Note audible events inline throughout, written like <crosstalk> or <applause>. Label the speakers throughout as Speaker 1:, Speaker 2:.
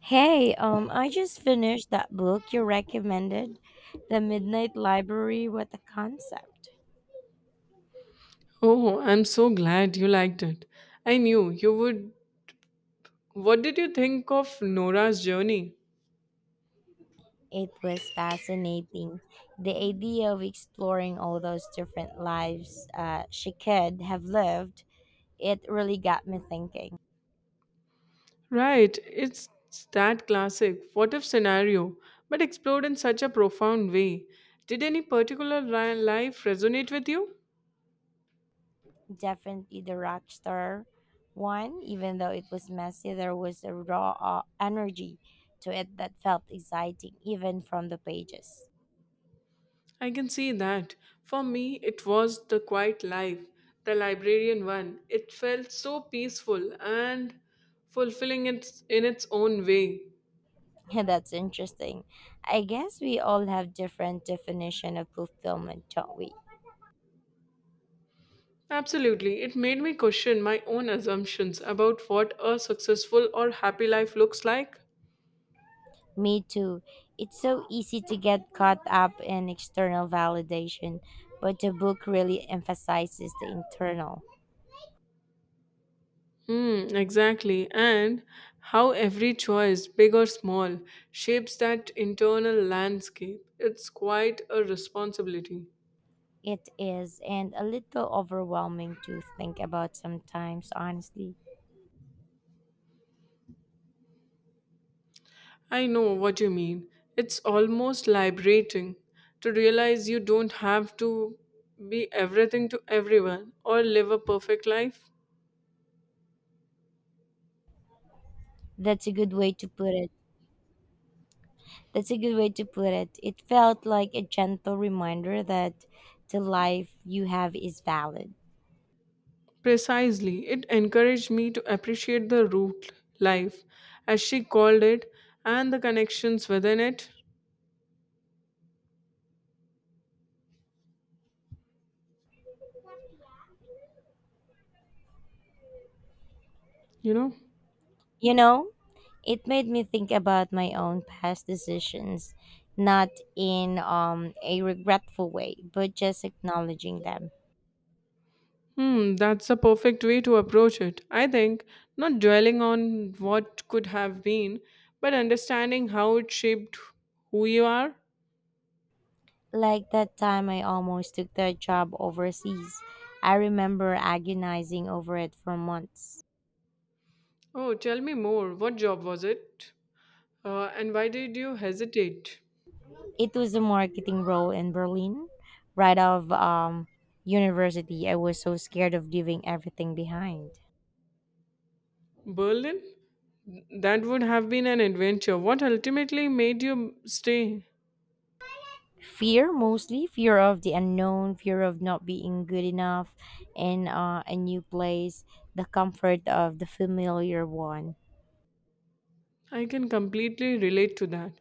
Speaker 1: Hey, I just finished that book you recommended, The Midnight Library. What a concept!
Speaker 2: Oh, I'm so glad you liked it. I knew you would. What did you think of Nora's journey?
Speaker 1: It was fascinating. The idea of exploring all those different lives she could have lived, it really got me thinking.
Speaker 2: Right, it's that classic what if scenario, but explored in such a profound way. Did any particular life resonate with you?
Speaker 1: Definitely the Rockstar one, even though it was messy, there was a raw energy to it that felt exciting, even from the pages. <laughs>
Speaker 2: I can see that. For me, it was the quiet life, the librarian one. It felt so peaceful and fulfilling in its own way.
Speaker 1: Yeah, that's interesting. I guess we all have different definition of fulfillment, don't we?
Speaker 2: Absolutely. It made me question my own assumptions about what a successful or happy life looks like.
Speaker 1: Me too. It's so easy to get caught up in external validation, but the book really emphasizes the internal.
Speaker 2: Hmm, exactly. And how every choice, big or small, shapes that internal landscape. It's quite a responsibility.
Speaker 1: It is, and a little overwhelming to think about sometimes, honestly.
Speaker 2: I know what you mean. It's almost liberating to realize you don't have to be everything to everyone or live a perfect life.
Speaker 1: That's a good way to put it. That's a good way to put it. It felt like a gentle reminder that the life you have is valid.
Speaker 2: Precisely, it encouraged me to appreciate the root life, as she called it, and the connections within it. You know,
Speaker 1: You know, it made me think about my own past decisions, not in a regretful way, but just acknowledging them.
Speaker 2: hmm, that's a perfect way to approach it. I think not dwelling on what could have been, but understanding how it shaped who you are.
Speaker 1: Like that time I almost took that job overseas. I remember agonizing over it for months.
Speaker 2: Oh, tell me more. What job was it? And why did you hesitate?
Speaker 1: It was a marketing role in Berlin, right off university. I was so scared of leaving everything behind.
Speaker 2: Berlin? That would have been an adventure. What ultimately made you stay?
Speaker 1: Fear, mostly fear of the unknown, fear of not being good enough in a new place, the comfort of the familiar one.
Speaker 2: I can completely relate to that.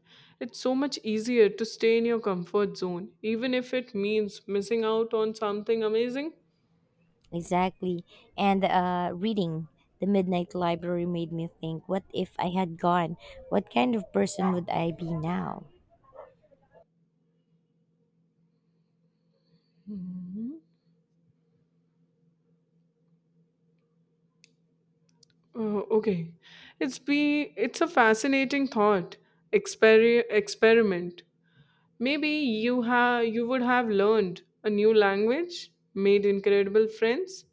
Speaker 2: It's so much easier to stay in your comfort zone, even if it means missing out on something amazing.
Speaker 1: Exactly. And reading The Midnight Library made me think what if I had gone? What kind of person would I be now?
Speaker 2: Okay, it's a fascinating thought experiment. Maybe you would have learned a new language, made incredible friends.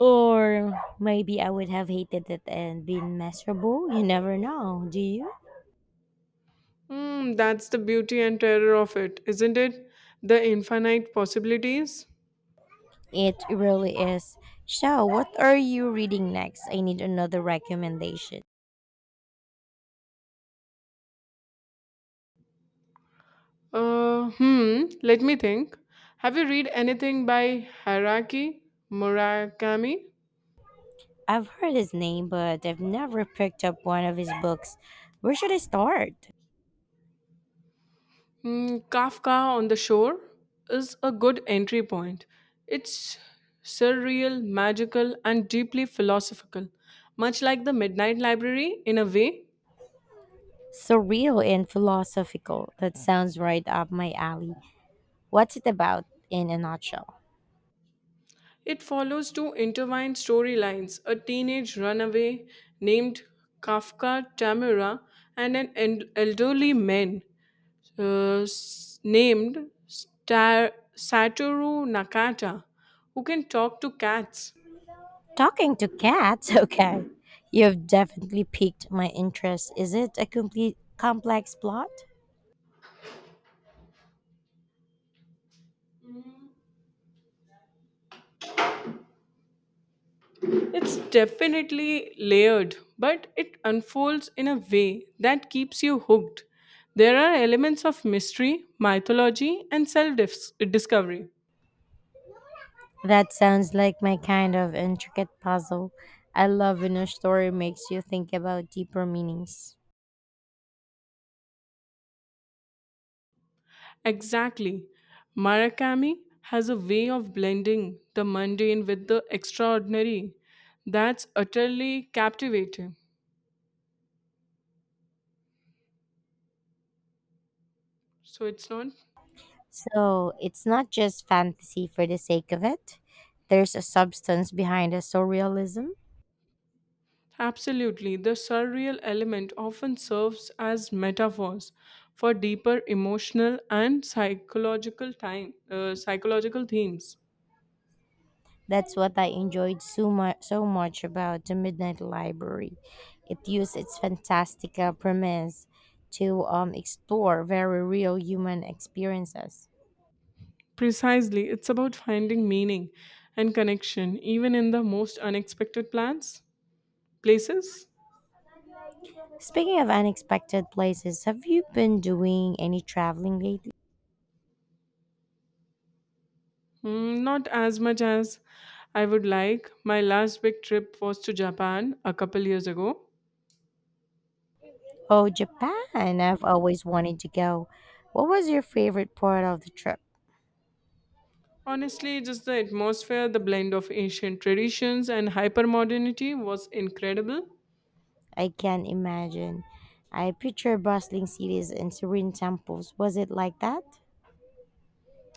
Speaker 1: Or maybe I would have hated it and been miserable. You never know, do you?
Speaker 2: Hmm, that's the beauty and terror of it, isn't it? The infinite possibilities.
Speaker 1: It really is. So, what are you reading next? I need another recommendation.
Speaker 2: Hmm, let me think. Have you read anything by Haraki Murakami?
Speaker 1: I've heard his name, but I've never picked up one of his books. Where should I start?
Speaker 2: Hmm, Kafka on the Shore is a good entry point. It's surreal, magical, and deeply philosophical, much like the Midnight Library in a way.
Speaker 1: Surreal and philosophical. That sounds right up my alley. What's it about in a nutshell?
Speaker 2: It follows two intertwined storylines a teenage runaway named Kafka Tamura and an elderly man named Satoru Nakata who can talk to cats.
Speaker 1: Talking to cats, <laughs> okay. You've definitely piqued my interest. Is it a complete complex plot?
Speaker 2: It's definitely layered, but it unfolds in a way that keeps you hooked. There are elements of mystery, mythology, and self discovery.
Speaker 1: That sounds like my kind of intricate puzzle. I love when a story makes you think about deeper meanings.
Speaker 2: Exactly. Murakami has a way of blending the mundane with the extraordinary that's utterly captivating. So it's not
Speaker 1: So it's not just fantasy for the sake of it, there's a substance behind the surrealism.
Speaker 2: absolutely the surreal element often serves as metaphors for deeper emotional and psychological time psychological themes.
Speaker 1: That's what I enjoyed so much about the Midnight Library. It used its fantastical premise to explore very real human experiences.
Speaker 2: Precisely, it's about finding meaning and connection even in the most unexpected plans places.
Speaker 1: Speaking of unexpected places, have you been doing any traveling lately?
Speaker 2: Mm, not as much as I would like. My last big trip was to Japan a couple years ago.
Speaker 1: Oh, Japan! I've always wanted to go. What was your favorite part of the trip?
Speaker 2: Honestly, just the atmosphere, the blend of ancient traditions and hypermodernity was incredible.
Speaker 1: I can't imagine. I picture bustling cities and serene temples. Was it like that?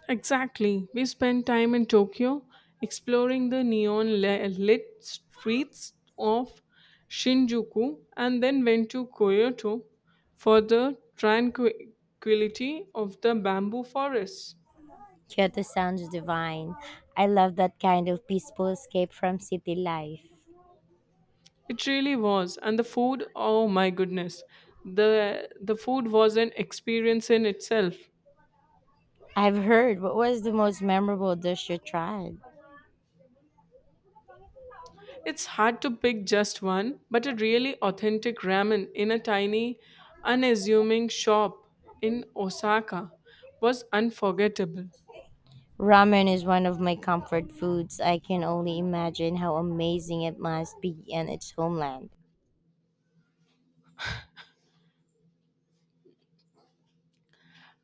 Speaker 2: Exactly. We spent time in Tokyo exploring the neon lit streets of Shinjuku and then went to Kyoto for the tranquility of the bamboo forests.
Speaker 1: Kyoto sounds divine. I love that kind of peaceful escape from city life.
Speaker 2: It really was. And the food, oh my goodness. The food was an experience in itself.
Speaker 1: I've heard, what was the most memorable dish you tried?
Speaker 2: It's hard to pick just one, but a really authentic ramen in a tiny, unassuming shop in Osaka was unforgettable.
Speaker 1: Ramen is one of my comfort foods. I can only imagine how amazing it must be in its homeland.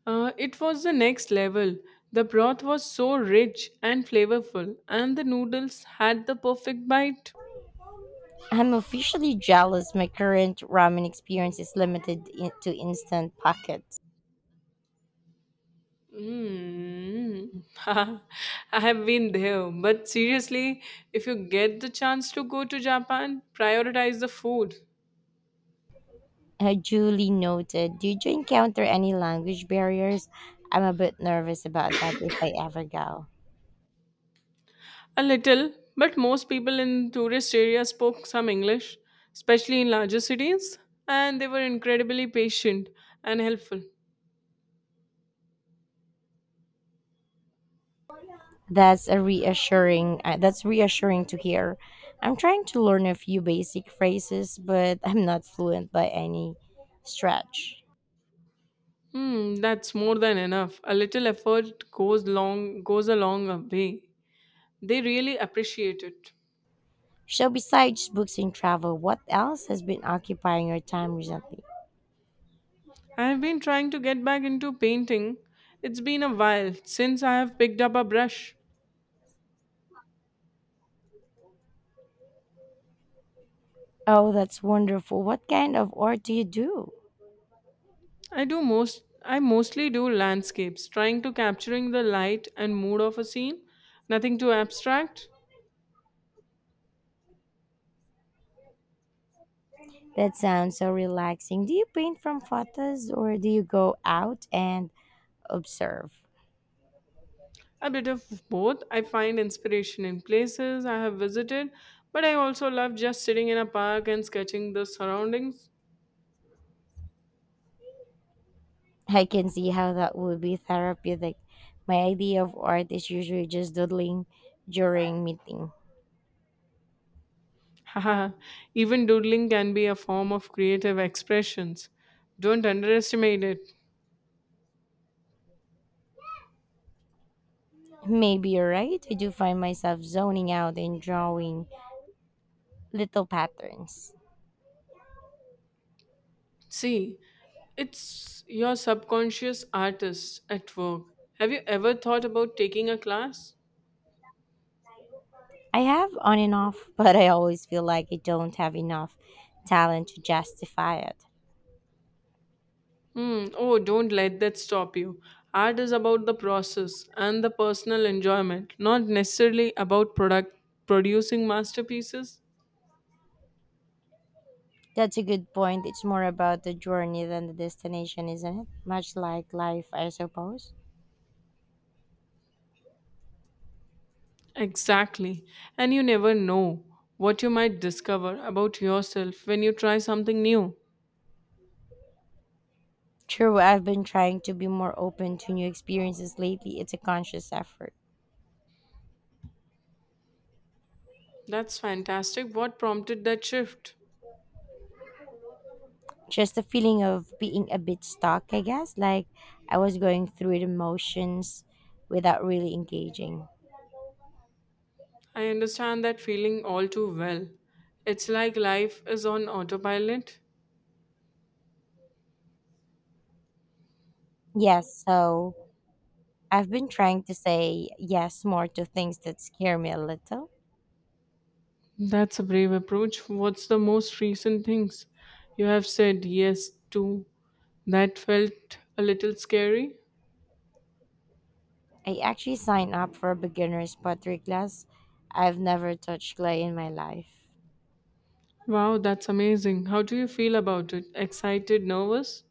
Speaker 2: It was the next level. The broth was so rich and flavorful, and the noodles had the perfect bite.
Speaker 1: I'm officially jealous, my current ramen experience is limited to instant pockets.
Speaker 2: Mm. <laughs> I have been there, but seriously, if you get the chance to go to Japan, prioritize the food.
Speaker 1: Julie noted, did you encounter any language barriers? I'm a bit nervous about that if I ever go.
Speaker 2: A little, but most people in tourist areas spoke some English, especially in larger cities, and they were incredibly patient and helpful.
Speaker 1: That's a reassuring. That's reassuring to hear. I'm trying to learn a few basic phrases, but I'm not fluent by any stretch.
Speaker 2: Hmm, that's more than enough. A little effort goes a long way. They really appreciate it.
Speaker 1: So, besides books and travel, what else has been occupying your time recently?
Speaker 2: I've been trying to get back into painting. It's been a while since I have picked up a brush.
Speaker 1: Oh, that's wonderful. What kind of art do you do?
Speaker 2: I mostly do landscapes, trying to capturing the light and mood of a scene, nothing too abstract.
Speaker 1: That sounds so relaxing. Do you paint from photos or do you go out and observe?
Speaker 2: A bit of both. I find inspiration in places I have visited, but I also love just sitting in a park and sketching the surroundings.
Speaker 1: I can see how that would be therapeutic. My idea of art is usually just doodling during meeting.
Speaker 2: <laughs> Haha, even doodling can be a form of creative expressions. Don't underestimate it.
Speaker 1: Maybe you're right. I do find myself zoning out and drawing little patterns.
Speaker 2: See, it's your subconscious artist at work. Have you ever thought about taking a class?
Speaker 1: I have on and off, <laughs> but I always feel like I don't have enough talent to justify it.
Speaker 2: Hmm. Oh, don't let that stop you. Art is about the process and the personal enjoyment, not necessarily about product producing masterpieces.
Speaker 1: That's a good point. It's more about the journey than the destination, isn't it? Much like life, I suppose.
Speaker 2: Exactly. And you never know what you might discover about yourself when you try something new.
Speaker 1: True, I've been trying to be more open to new experiences lately. It's a conscious effort.
Speaker 2: That's fantastic. What prompted that shift?
Speaker 1: Just the feeling of being a bit stuck, I guess, like I was going through the motions without really engaging.
Speaker 2: I understand that feeling all too well. It's like life is on autopilot.
Speaker 1: Yes, so I've been trying to say yes more to things that scare me a little.
Speaker 2: That's a brave approach. What's the most recent things you have said yes to that felt a little scary?
Speaker 1: I actually signed up for a beginner's pottery class. I've never touched clay in my life.
Speaker 2: Wow, that's amazing. How do you feel about it? Excited, nervous?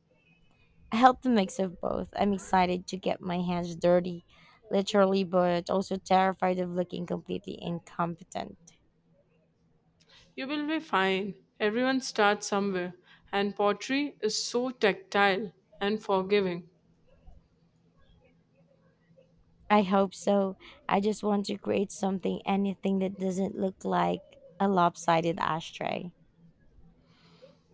Speaker 1: I help the mix of both. I'm excited to get my hands dirty, literally, but also terrified of looking completely incompetent.
Speaker 2: You will be fine. Everyone starts somewhere, and pottery is so tactile and forgiving.
Speaker 1: I hope so. I just want to create something, anything that doesn't look like a lopsided ashtray.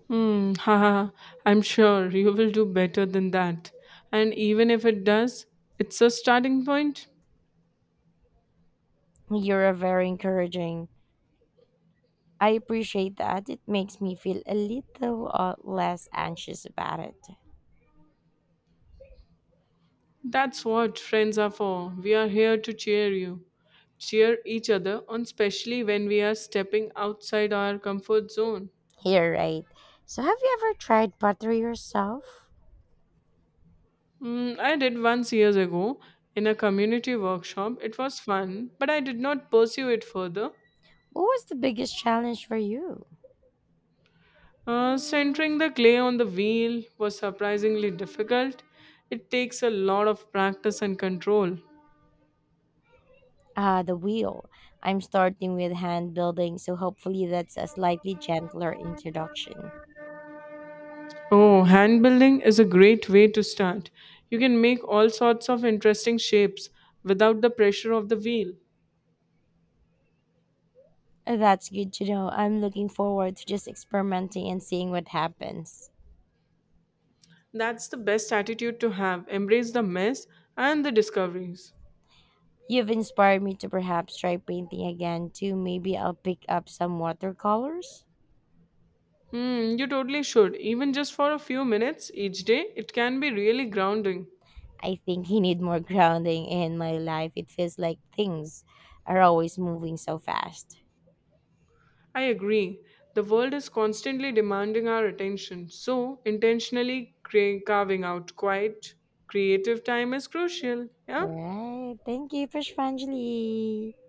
Speaker 2: Hmm, haha, I'm sure you will do better than that. And even if it does, it's a starting point.
Speaker 1: You're very encouraging. I appreciate that. It makes me feel a little less anxious about it.
Speaker 2: That's what friends are for. We are here to cheer each other on, especially when we are stepping outside our comfort zone.
Speaker 1: Here, right? So, have you ever tried pottery yourself?
Speaker 2: Mm, I did once years ago in a community workshop. It was fun, but I did not pursue it further.
Speaker 1: What was the biggest challenge for you?
Speaker 2: Centering the clay on the wheel was surprisingly difficult. It takes a lot of practice and control.
Speaker 1: Ah, the wheel. I'm starting with hand building, so hopefully that's a slightly gentler introduction.
Speaker 2: Oh, hand building is a great way to start. You can make all sorts of interesting shapes without the pressure of the wheel.
Speaker 1: That's good to know. I'm looking forward to just experimenting and seeing what happens.
Speaker 2: That's the best attitude to have. Embrace the mess and the discoveries.
Speaker 1: You've inspired me to perhaps try painting again too. Maybe I'll pick up some watercolors.
Speaker 2: Hmm, you totally should. Even just for a few minutes each day, it can be really grounding.
Speaker 1: I think I need more <laughs> grounding in my life. It feels like things are always moving so fast.
Speaker 2: I agree. The world is constantly demanding our attention, so intentionally carving out quiet, creative time is crucial. Yeah?
Speaker 1: All right. Thank you, Prashvanjali.